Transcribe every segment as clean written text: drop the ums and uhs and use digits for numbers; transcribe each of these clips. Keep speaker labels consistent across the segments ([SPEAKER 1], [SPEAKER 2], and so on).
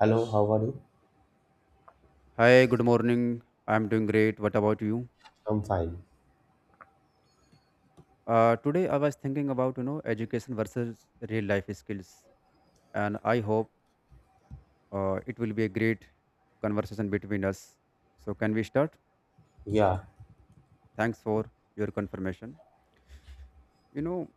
[SPEAKER 1] Hello, how are you?
[SPEAKER 2] Hi, good morning. I'm doing great. What about you?
[SPEAKER 1] I'm fine.
[SPEAKER 2] Today I was thinking about education versus real life skills, and I hope it will be a great conversation between us. So can we start?
[SPEAKER 1] Yeah,
[SPEAKER 2] Thanks for your confirmation. You know,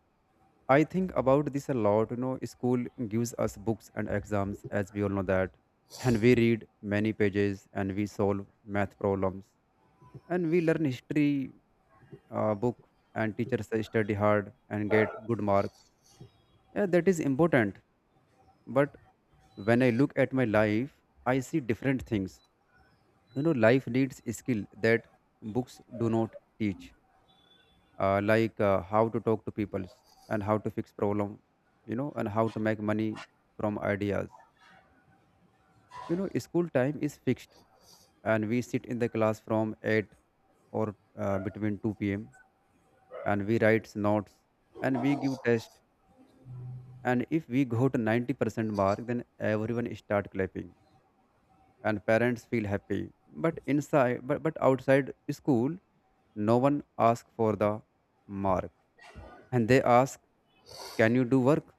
[SPEAKER 2] I think about this a lot. You know, school gives us books and exams, as we all know that, and we read many pages and we solve math problems and we learn history book, and teachers say study hard and get good mark. Yeah, that is important. But when I look at my life, I see different things. You know, life needs skill that books do not teach, like how to talk to people and how to fix problem, and how to make money from ideas. You know, school time is fixed, and we sit in the class from eight or between two p.m., and we write notes and we give test. And if we got 90% mark, then everyone start clapping and parents feel happy, but inside but outside school no one asks for the mark, and they ask can you do work.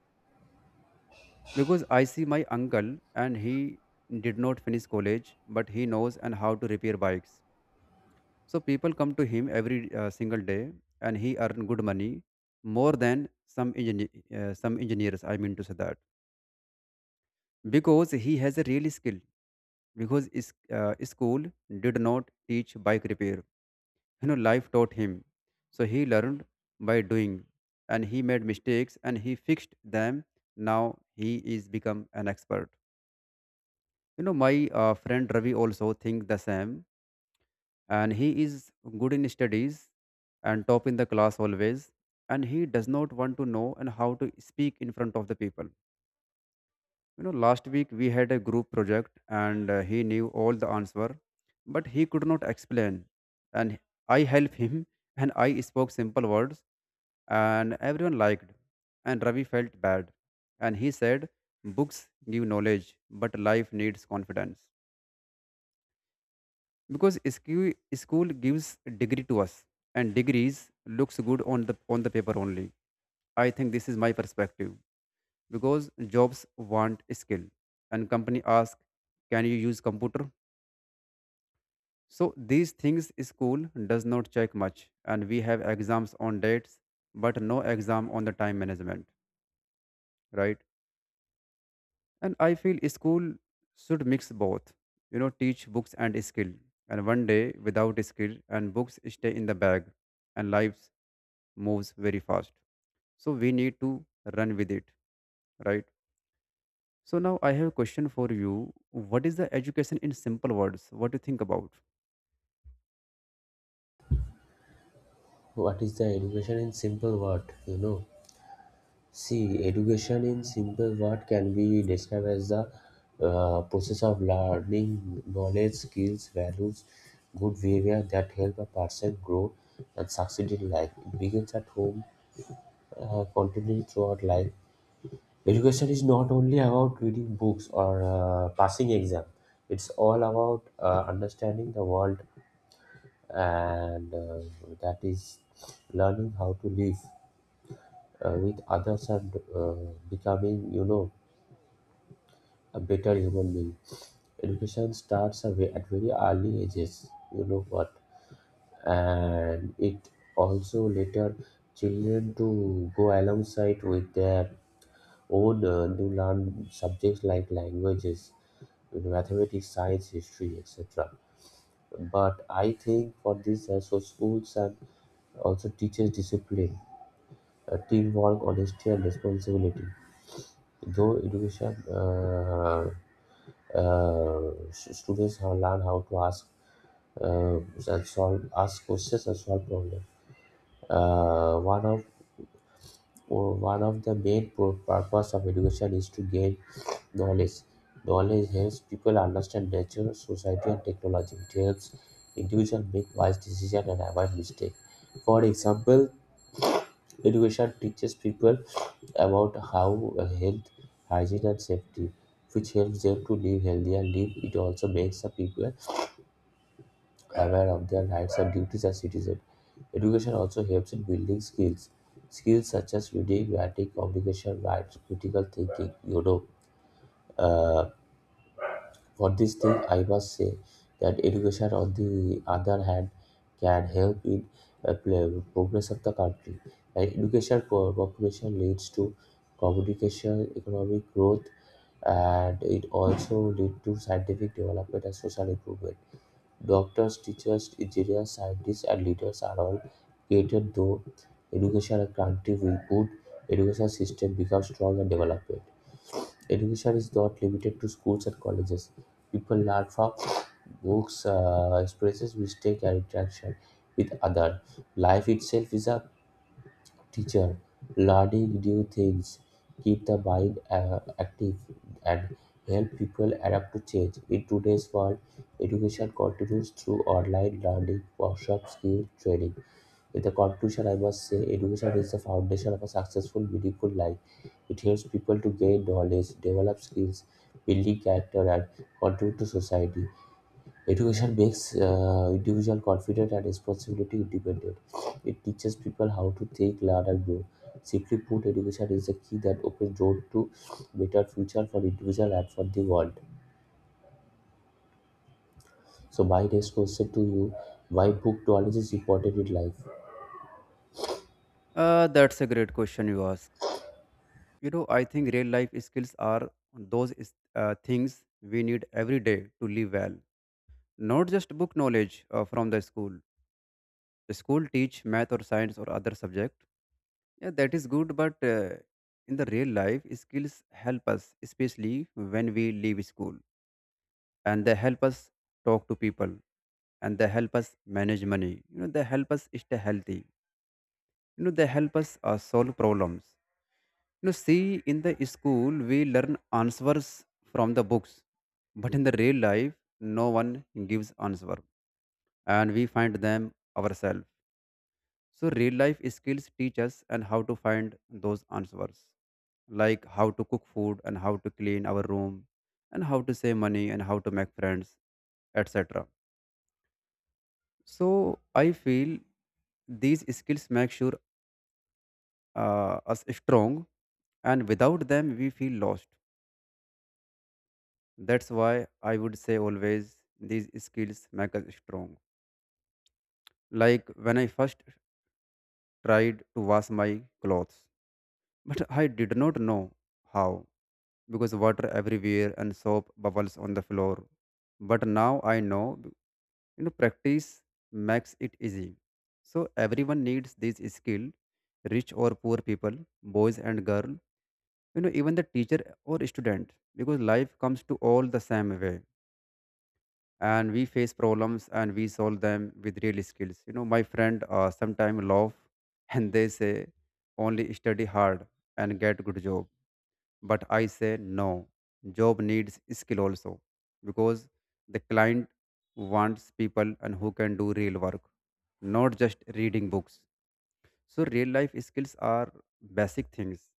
[SPEAKER 2] Because I see my uncle, and he did not finish college, but he knows and how to repair bikes, so people come to him every single day and he earn good money, more than some engineer, some engineers, I mean to say that, because he has a real skill. Because school did not teach bike repair. You know, life taught him, so he learned by doing, and he made mistakes and he fixed them. Now he is become an expert. You know, my friend Ravi also think the same, and he is good in studies and top in the class always, and he does not want to know and how to speak in front of the people. You know, last week we had a group project and he knew all the answer, but he could not explain, and I helped him, and I spoke simple words and everyone liked, and Ravi felt bad. And he said books give knowledge but life needs confidence. Because school gives degree to us, and degrees looks good on the paper only. I think this is my perspective, because jobs want skill, and company ask can you use computer. So these things school does not check much, and we have exams on dates but no exam on the time management, right? And I feel school should mix both. You know, teach books and skill. And one day without skill, and books stay in the bag, and lives moves very fast, so we need to run with it, right? So now I have a question for you. What is the education in simple words? What do you think about?
[SPEAKER 1] what is the education in simple word? You know, see, education in simple word can be described as the process of learning knowledge, skills, values, good behavior that help a person grow and succeed in life. It begins at home, continuing throughout life. Education is not only about reading books or passing exam. It's all about understanding the world and that is learning how to live with others and becoming a better human being. Education starts away at very early ages, you know what, and it also later children to go alongside with their own new learned subjects like languages, mathematics, science, history, etc. But I think for this, so schools and also teaches discipline, teamwork, honesty, and responsibility. Though education, students have learned how to ask uh, and solve ask questions and solve problems. Uh, one of Oh, One of the main purpose of education is to gain knowledge. Knowledge helps people understand nature, society, and technology. It helps individuals make wise decisions and avoid mistakes. For example, education teaches people about how health, hygiene, and safety, which helps them to live healthier and live. It also makes the people aware of their rights and duties as citizens. Education also helps in building skills, skills such as reading, writing, communication, rights, critical thinking. You know, uh, for this thing, I must say that education, on the other hand, can help in progress of the country. And education cooperation leads to communication, economic growth, and it also leads to scientific development and social improvement. Doctors, teachers, engineers, scientists and leaders are all created. Though education and country with good education system becomes strong and developed. Education is not limited to schools and colleges. People learn from books, experiences, mistake and interaction with others. Life itself is a teacher, ladi new things, keep the mind active, and help people adapt to change. In today's world, education continues through online learning, workshops, skill training. In the conclusion, I must say education is the foundation of a successful, meaningful life. It helps people to gain knowledge, develop skills, building character, and contribute to society. Education makes individual confident and responsibility independent. It teaches people how to think, learn, and grow. Simply put, education is the key that opens door to better future for individual and for the world. So, my next question to you: why book knowledge is important in life?
[SPEAKER 2] That's a great question you ask. You know, I think real life skills are those things we need every day to live well. Not just book knowledge from the school. The school teach math or science or other subject. Yeah, that is good, but in the real life, skills help us, especially when we leave school. And they help us talk to people, and they help us manage money. You know, they help us stay healthy. You know, they help us solve problems. You know, see, in the school we learn answers from the books, but in the real life no one gives answer, and we find them ourselves. So real life skills teach us and how to find those answers, like how to cook food and how to clean our room and how to save money and how to make friends, etc. So I feel these skills make sure us strong, and without them we feel lost. That's why I would say always these skills make us strong. Like when I first tried to wash my clothes, but I did not know how. Because water everywhere and soap bubbles on the floor. But now I know, you know, practice makes it easy. So everyone needs this skill, rich or poor people, boys and girl, you know, even the teacher or student, because life comes to all the same way. And we face problems and we solve them with real skills. You know, my friend sometimes laugh and they say, only study hard and get good job. But I say no, job needs skill also, because the client wants people and who can do real work, not just reading books. So real life skills are basic things,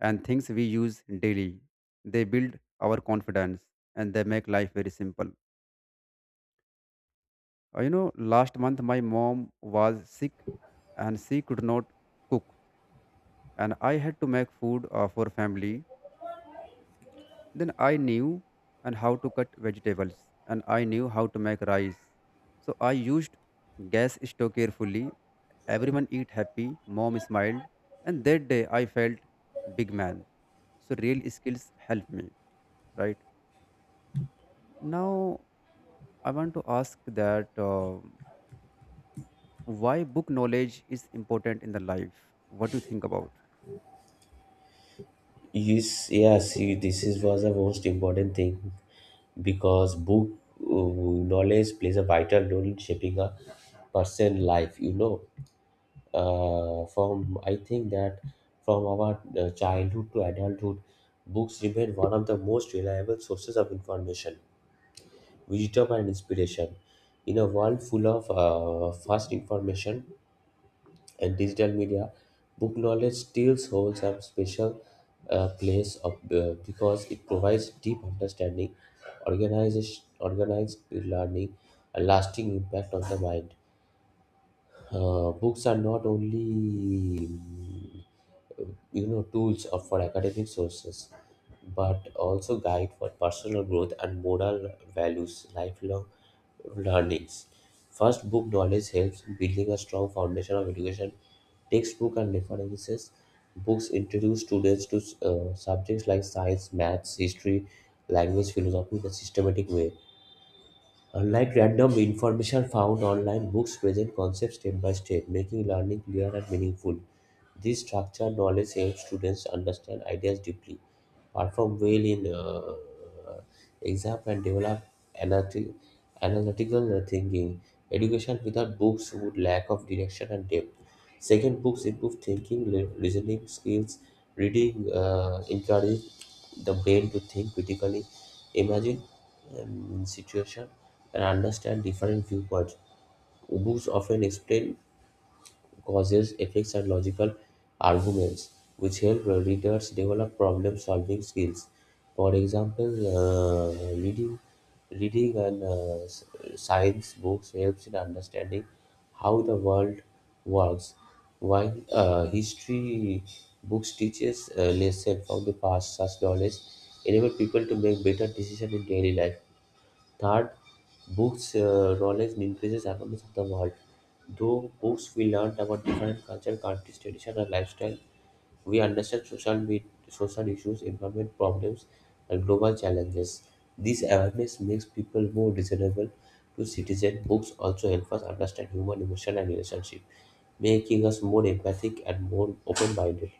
[SPEAKER 2] and things we use daily. They build our confidence and they make life very simple. You know, last month my mom was sick and she could not cook, and I had to make food for family. Then I knew and how to cut vegetables, and I knew how to make rice. So I used gas stove carefully. Everyone eat happy, mom smiled, and that day I felt big man. So real skills helped me, right? Now I want to ask that why book knowledge is important in the life. What do you think about?
[SPEAKER 1] Yes, yes, this is was the most important thing because book uh, knowledge plays a vital role in shaping a person's life. You know, from I think that from our childhood to adulthood, books remain one of the most reliable sources of information, wisdom, and inspiration. In a world full of fast information and digital media, book knowledge still holds a special place of, because it provides deep understanding, organized learning, a lasting impact on the mind. Books are not only tools are for academic sources but also guide for personal growth and moral values, lifelong learnings. First, book knowledge helps in building a strong foundation of education. Textbook and references books introduce students to subjects like science, maths, history, language, philosophy in a systematic way. Unlike random information found online, books present concepts step by step, making learning clear and meaningful. This structured knowledge helps students understand ideas deeply, perform well in exam, and develop analytic, analytical thinking. Education without books would lack of direction and depth. Second, books improve thinking, reasoning skills. Reading encourages the brain to think critically, imagine situation, and understand different viewpoints. Books often explain causes, effects, and logical arguments, which help readers develop problem-solving skills. For example, reading and uh, s- science books helps in understanding how the world works, while history books teaches lessons from the past. Such knowledge enable people to make better decisions in daily life. Third, books knowledge increases awareness of the world. Through books, we learn about different culture, countries, tradition, and lifestyle. We understand social issues, environment problems, and global challenges. This awareness makes people more reasonable to citizens. Books also help us understand human emotion and relationship, making us more empathic and more open-minded.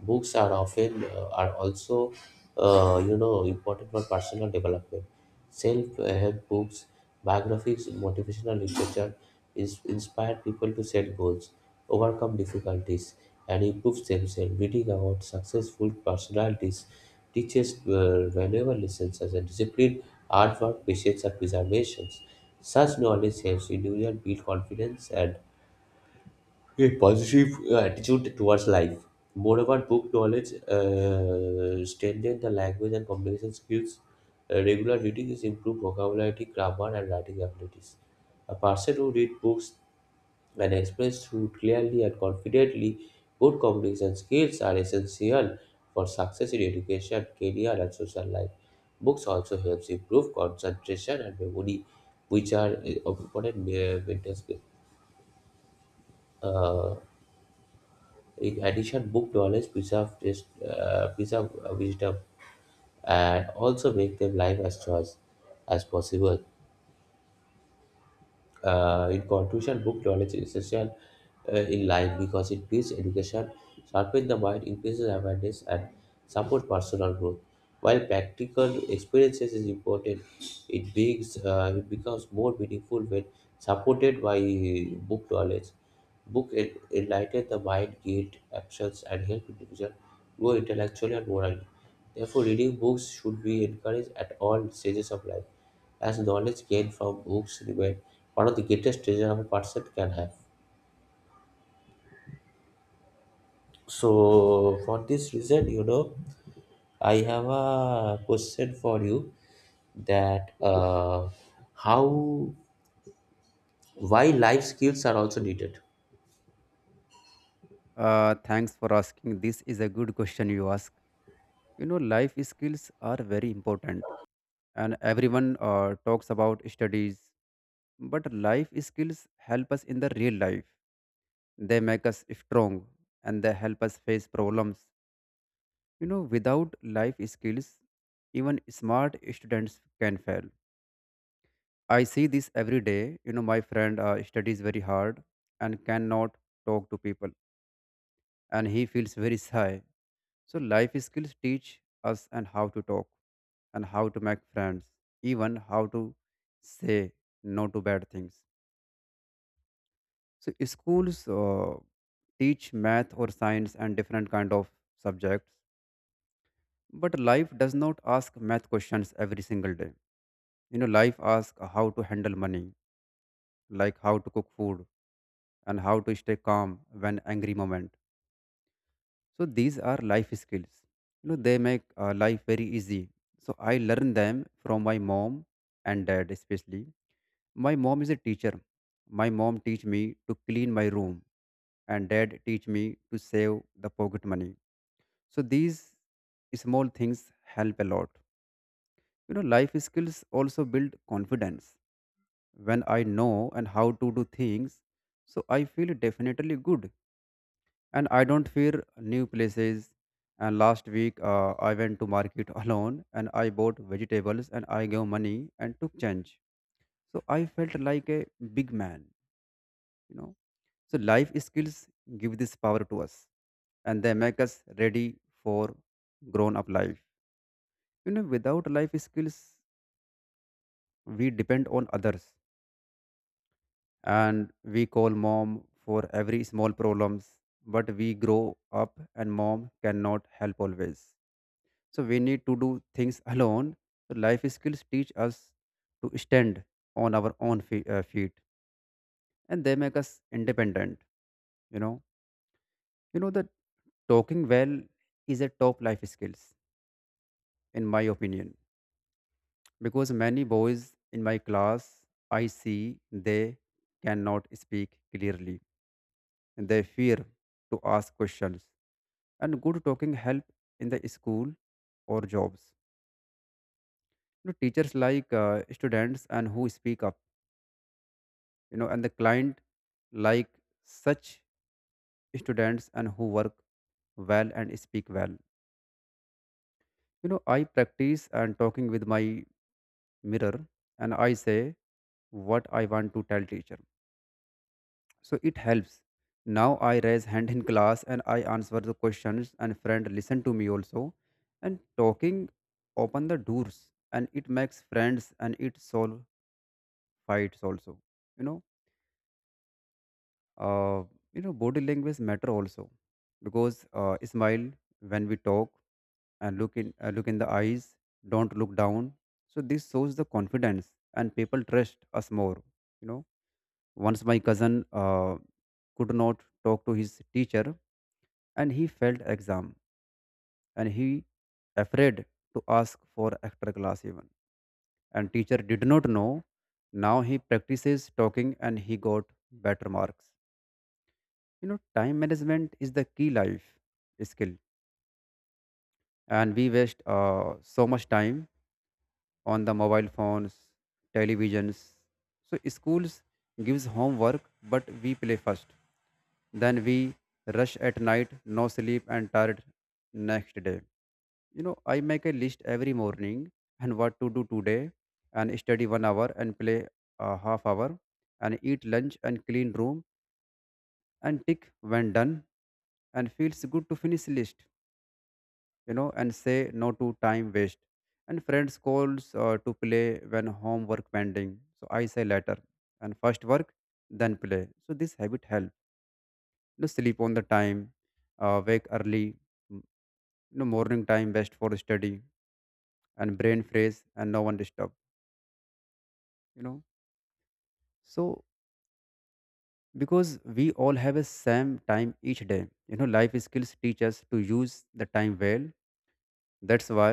[SPEAKER 1] Books are often are also important for personal development. Self-help books, biographies, motivational literature is inspire people to set goals, overcome difficulties, and improve themselves. Reading about successful personalities teaches valuable lessons such as discipline, hard work, patience, and preservation. Such knowledge helps individuals build confidence and a positive attitude towards life. Moreover, book knowledge strengthen the language and communication skills. Regular reading is improved vocabulary, grammar, and writing abilities. A person who reads books and expresses through clearly and confidently, good communication skills are essential for success in education, career, and social life. Books also helps improve concentration and memory, which are important maintenance uh, In addition, book knowledge preserve wisdom and also make them live as choice as possible. In conclusion, book knowledge is essential in life because it builds education, sharpens the mind, increases awareness, and supports personal growth. While practical experiences is important, it beings it becomes more meaningful when supported by book knowledge. Book enlighten the mind, guide actions, and help individuals grow intellectually and morally. Therefore, reading books should be encouraged at all stages of life, as knowledge gained from books remain one of the greatest treasure a person can have. So, for this reason, I have a question for you that how why life skills are also needed.
[SPEAKER 2] Thanks for asking. This is a good question you ask. You know, life skills are very important, and everyone talks about studies, but life skills help us in the real life. They make us strong and they help us face problems. You know, without life skills, even smart students can fail. I see this every day. You know, my friend studies very hard and cannot talk to people, and he feels very shy. So life skills teach us and how to talk and how to make friends, even how to say no to bad things. So schools teach math or science and different kind of subjects, but life does not ask math questions every single day. You know, life asks how to handle money, like how to cook food and how to stay calm when angry moment. So these are life skills. You know, they make life very easy. So I learned them from my mom and dad. Especially my mom is a teacher. My mom teach me to clean my room, and dad teach me to save the pocket money. So these small things help a lot. You know, life skills also build confidence. When I know and how to do things, so I feel definitely good and I don't fear new places. And last week, I went to market alone, and I bought vegetables and I gave money and took change. So I felt like a big man, you know. So life skills give this power to us, and they make us ready for grown up life. You know, without life skills, we depend on others, and we call mom for every small problems. But we grow up and mom cannot help always, so we need to do things alone. So life skills teach us to stand on our own feet, and they make us independent. You know you know that talking well is a top life skills in my opinion, because many boys in my class I see, they cannot speak clearly and they fear to ask questions. And good talking help in the school or jobs. You know, teachers like students and who speak up. You know, and the client like such students and who work well and speak well. You know, I practice and talking with my mirror, and I say what I want to tell teacher. So it helps. Now I raise hand in class and I answer the questions, and friend listen to me also. And talking open the doors, and it makes friends and it solve fights also. You know uh, you know body language matter also, because smile when we talk, and look in look in the eyes, don't look down. So this shows the confidence and people trust us more. You know, once my cousin could not talk to his teacher and he failed exam, and he afraid to ask for extra class even, and teacher did not know. Now he practices talking, and he got better marks. You know, time management is the key life skill, and we waste so much time on the mobile phones, televisions. So schools gives homework, but we play first, then we rush at night, no sleep and tired next day. You know, I make a list every morning and what to do today, and study 1 hour and play a half hour and eat lunch and clean room, and tick when done, and feels good to finish list. You know, and say no to time waste. And friends calls to play when homework pending, so I say later, and first work then play. So this habit help. You know, sleep on the time, wake early m- you know, morning time best for study, and brain fresh and no one disturb. You know, so, because we all have a same time each day. You know, life skills teach us to use the time well. That's why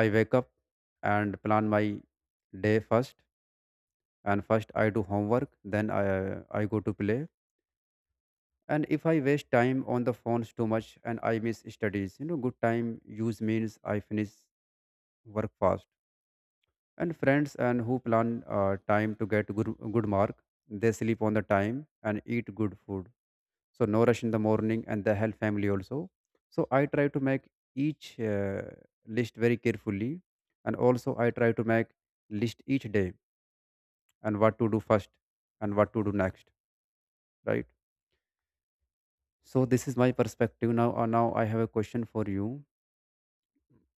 [SPEAKER 2] I wake up and plan my day first. And first I do homework, then I go to play. And if I waste time on the phones too much and I miss studies, you know, good time use means I finish work fast. And friends and who plan time to get good mark, they sleep on the time and eat good food, so no rush in the morning, and they help family also. So I try to make each list very carefully. And also I try to make list each day, and what to do first and what to do next, right? So this is my perspective now. Now I have a question for you.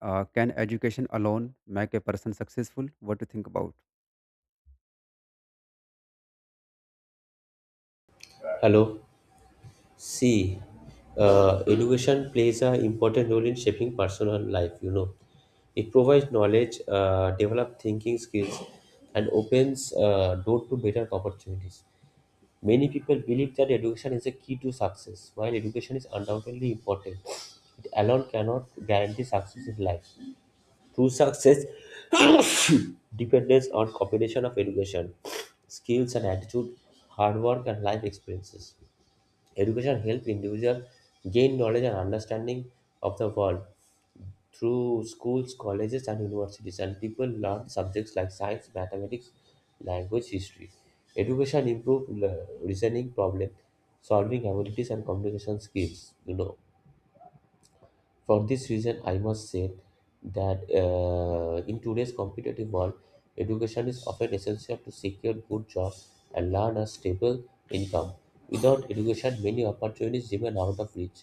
[SPEAKER 2] Can education alone make a person successful? What do you think about?
[SPEAKER 1] Hello. See, education plays an important role in shaping personal life, you know. It provides knowledge, develops thinking skills, and opens door to better opportunities. Many people believe that education is a key to success. While education is undoubtedly important, it alone cannot guarantee success in life. True success depends on combination of education, skills and attitude, hard work and life experiences. Education helps individuals gain knowledge and understanding of the world through schools, colleges, and universities, and people learn subjects like science, mathematics, language, history. Education improves reasoning, problem solving abilities, and communication skills. You know, for this reason, I must say that in today's competitive world, education is often essential to secure good jobs and learn a stable income. Without education, many opportunities remain out of reach.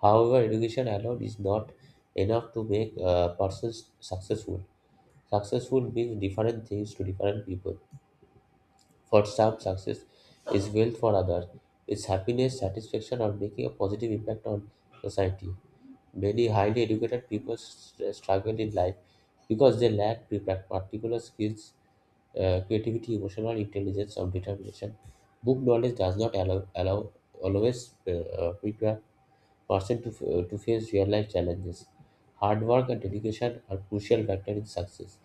[SPEAKER 1] However, education alone is not enough to make a person successful. Successful means different things to different people. For some, success is wealth for others. It's happiness, satisfaction, or making a positive impact on society. Many highly educated people struggle in life because they lack particular skills, creativity, emotional intelligence, or determination. Book knowledge does not allow always prepare person to, to face real life challenges. Hard work and dedication are crucial factor in success.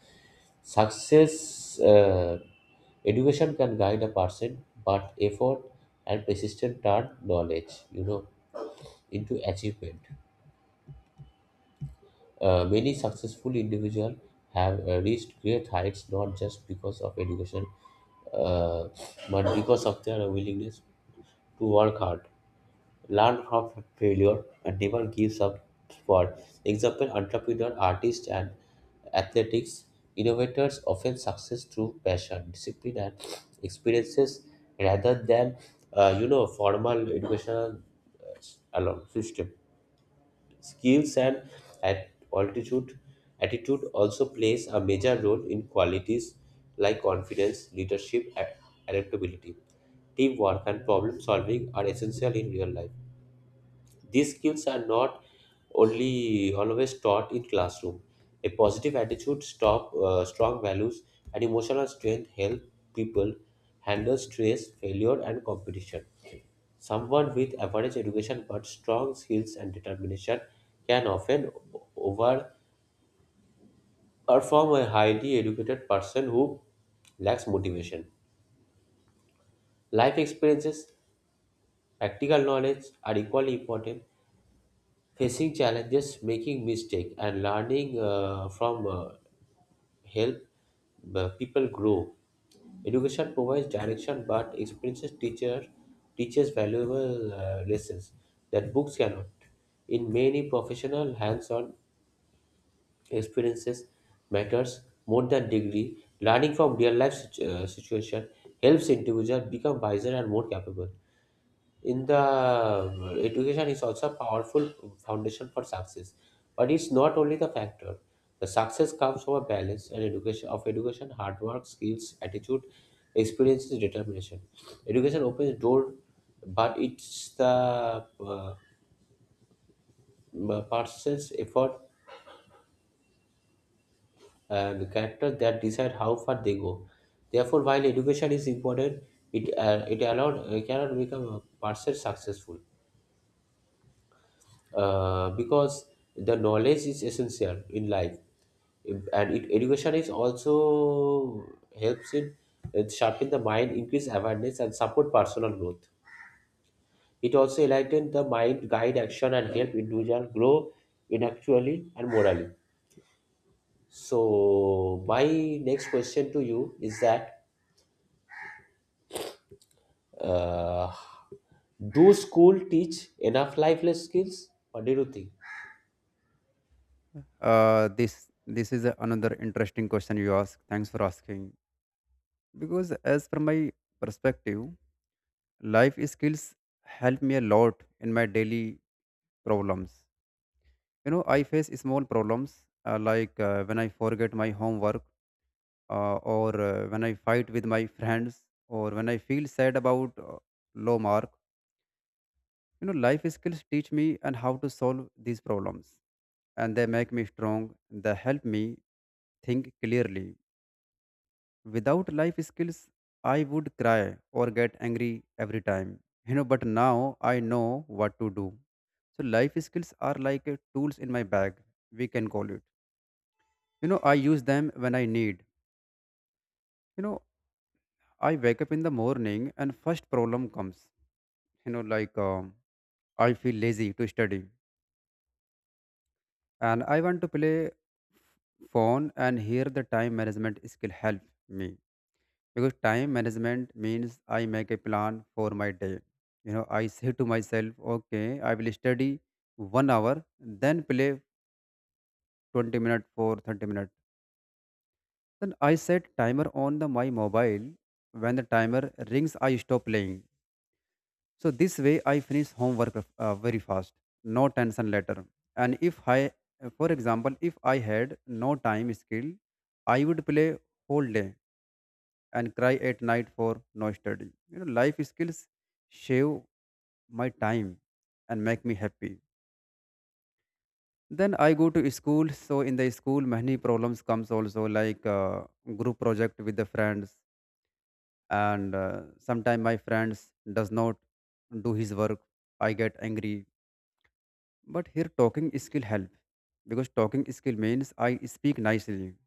[SPEAKER 1] Success education can guide a person, but effort and persistence turn knowledge, you know, into achievement. Many successful individuals have reached great heights not just because of education, uh, but because of their willingness to work hard, learn from failure and never gives up. For example, entrepreneurs, artists, and athletics innovators often success through passion, discipline, and experiences rather than formal educational alone system. Skills and at altitude attitude also plays a major role in qualities like confidence, leadership, and adaptability. Teamwork and problem solving are essential in real life. These skills are not only always taught in classroom. A positive attitude, stop, strong values, and emotional strength help people handle stress, failure, and competition. Someone with average education but strong skills and determination can often overperform a highly educated person who lacks motivation. Life experiences, practical knowledge are equally important. Facing challenges, making mistakes, and learning from help people grow. Education provides direction, but experiences teacher teaches valuable lessons that books cannot. In many professional, hands-on experiences matters more than degree. Learning from real-life situation helps individuals become wiser and more capable in the education is also a powerful foundation for success, but it's not only the factor. The success comes from a balance and education of education, hard work, skills, attitude, experiences, determination. Education opens door, but it's the uh, person's effort and character that decide how far they go. Therefore, while education is important, it it allowed cannot become a person successful because the knowledge is essential in life, and it, education is also helps in sharpen the mind, increase awareness and support personal growth. It also enlighten the mind, guide action and help individual grow intellectually and morally. So my next question to you is that uh, do school teach enough lifeless skills? What do you think?
[SPEAKER 2] This is another interesting question you ask. Thanks for asking. Because as per my perspective, life skills help me a lot in my daily problems. You know, I face small problems like when I forget my homework, or when I fight with my friends, or when I feel sad about low mark. You know, life skills teach me and how to solve these problems, and they make me strong. They help me think clearly. Without life skills, I would cry or get angry every time. You know, but now I know what to do. So life skills are like a tools in my bag, we can call it. You know, I use them when I need. You know, I wake up in the morning and first problem comes. You know, like I feel lazy to study and I want to play phone, and here the time management skill help me, because time management means I make a plan for my day. You know, I say to myself, okay, I will study 1 hour then play 20 minutes for 30 minutes, then I set timer on the my mobile. When the timer rings, I stop playing. So this way, I finish very fast, no tension later. And if I, for example, if I had no time skill, I would play whole day and cry at night for no study. You know, life skills shave my time and make me happy. Then I go to school. So in the school, many problems comes also, like group project with the friends, and sometimes my friends does not do his work. I get angry. But here talking skill help, because talking skill means I speak nicely,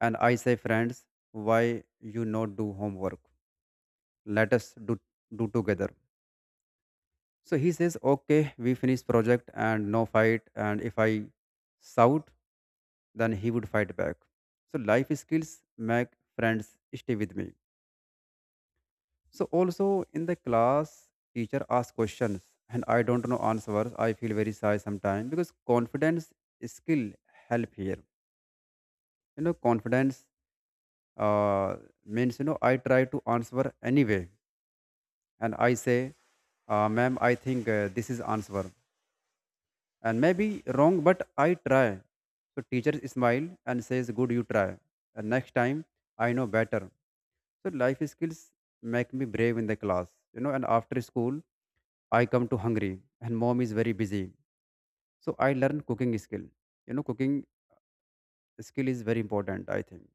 [SPEAKER 2] and I say, friends, why you not do homework? Let us do together. So he says, okay, we finish project and no fight. And if I shout, then he would fight back. So life skills make friends stay with me. So also in the class, teacher asks questions and I don't know answers. I feel very shy sometimes because confidence skill help here. You know, confidence uh, means, you know, I try to answer anyway, and I say, ma'am, I think this is answer, and maybe wrong, but I try. So teacher smile and says, good, you try, and next time I know better. So life skills make me brave in the class, you know. And after school I come to hungry and mom is very busy, so I learn cooking skill. You know, cooking skill is very important, I think,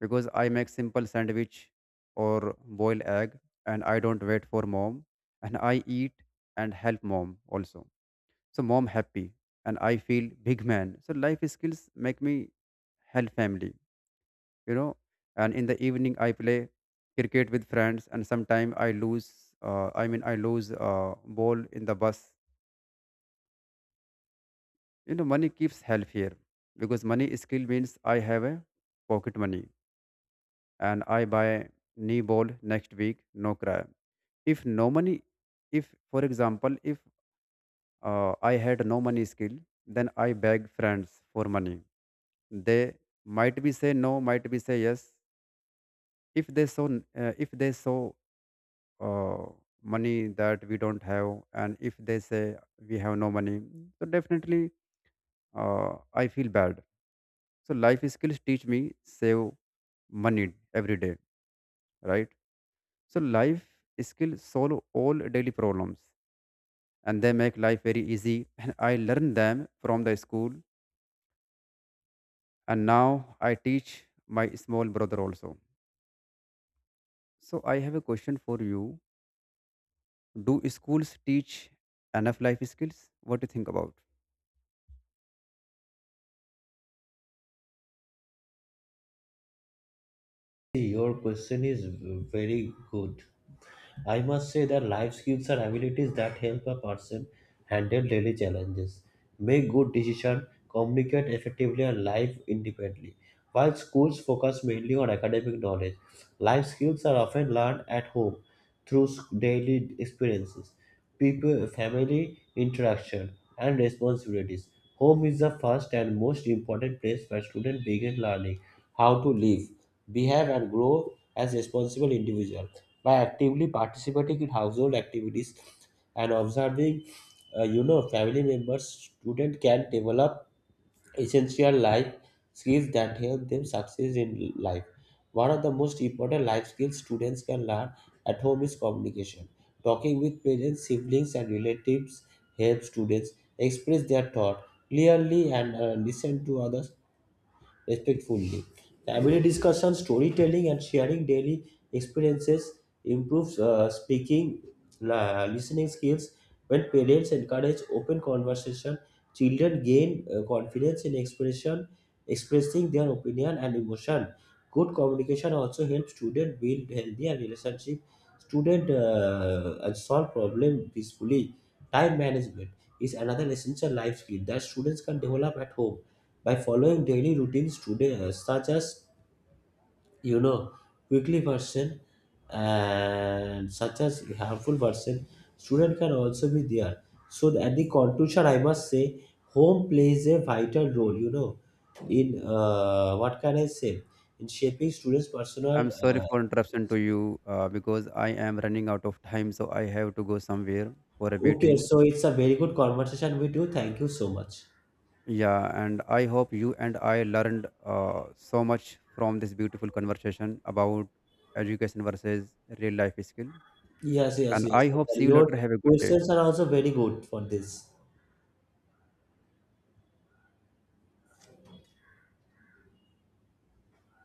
[SPEAKER 2] because I make simple sandwich or boil egg, and I don't wait for mom, and I eat and help mom also. So mom happy and I feel big man. So life skills make me help family, you know. And in the evening I play cricket with friends and sometimes I lose I lose ball in the bus. You know, money keeps help here, because money skill means I have a pocket money and I buy knee ball next week, no cry. If no money, if for example if I had no money skill, then I beg friends for money. They might be say no, might be say yes. if they saw if they saw uh, money that we don't have, and if they say we have no money, so definitely, uh, I feel bad. So life skills teach me save money every day, right? So life skill solve all daily problems, and they make life very easy. And I learned them from the school, and now I teach my small brother also. So I have a question for you. Do schools teach enough life skills? What do you think about?
[SPEAKER 1] Your question is very good. I must say that life skills are abilities that help a person handle daily challenges, make good decisions, communicate effectively, and live independently. While schools focus mainly on academic knowledge, life skills are often learned at home through daily experiences, people, family interaction, and responsibilities. Home is the first and most important place where students begin learning how to live, behave, and grow as responsible individuals. By actively participating in household activities and observing family members, student can develop essential life skills that help them succeed in life. One of the most important life skills students can learn at home is communication. Talking with parents, siblings and relatives helps students express their thought clearly and listen to others respectfully. The everyday discussion, storytelling, and sharing daily experiences improves speaking, listening skills. When parents encourage open conversation, children gain confidence in expressing their opinion and emotion. Good communication also helps students build healthier relationship. Student and solve problem peacefully. Time management is another essential life skill that students can develop at home by following daily routines today such as you know weekly version and such as harmful version student can also be there. So the- at the conclusion, I must say home plays a vital role, you know, in what can I say, in shaping students personal
[SPEAKER 2] I'm sorry for interruption to you, because I am running out of time, so I have to go somewhere for a
[SPEAKER 1] okay,
[SPEAKER 2] meeting.
[SPEAKER 1] so it's a very good conversation with you. Thank you so much.
[SPEAKER 2] Yeah, and I hope you and I learned so much from this beautiful conversation about education versus real life skill.
[SPEAKER 1] Yes, yes,
[SPEAKER 2] And
[SPEAKER 1] yes,
[SPEAKER 2] I
[SPEAKER 1] yes.
[SPEAKER 2] hope see
[SPEAKER 1] And
[SPEAKER 2] you
[SPEAKER 1] your
[SPEAKER 2] later. Have a good day.
[SPEAKER 1] questions are also very good for this.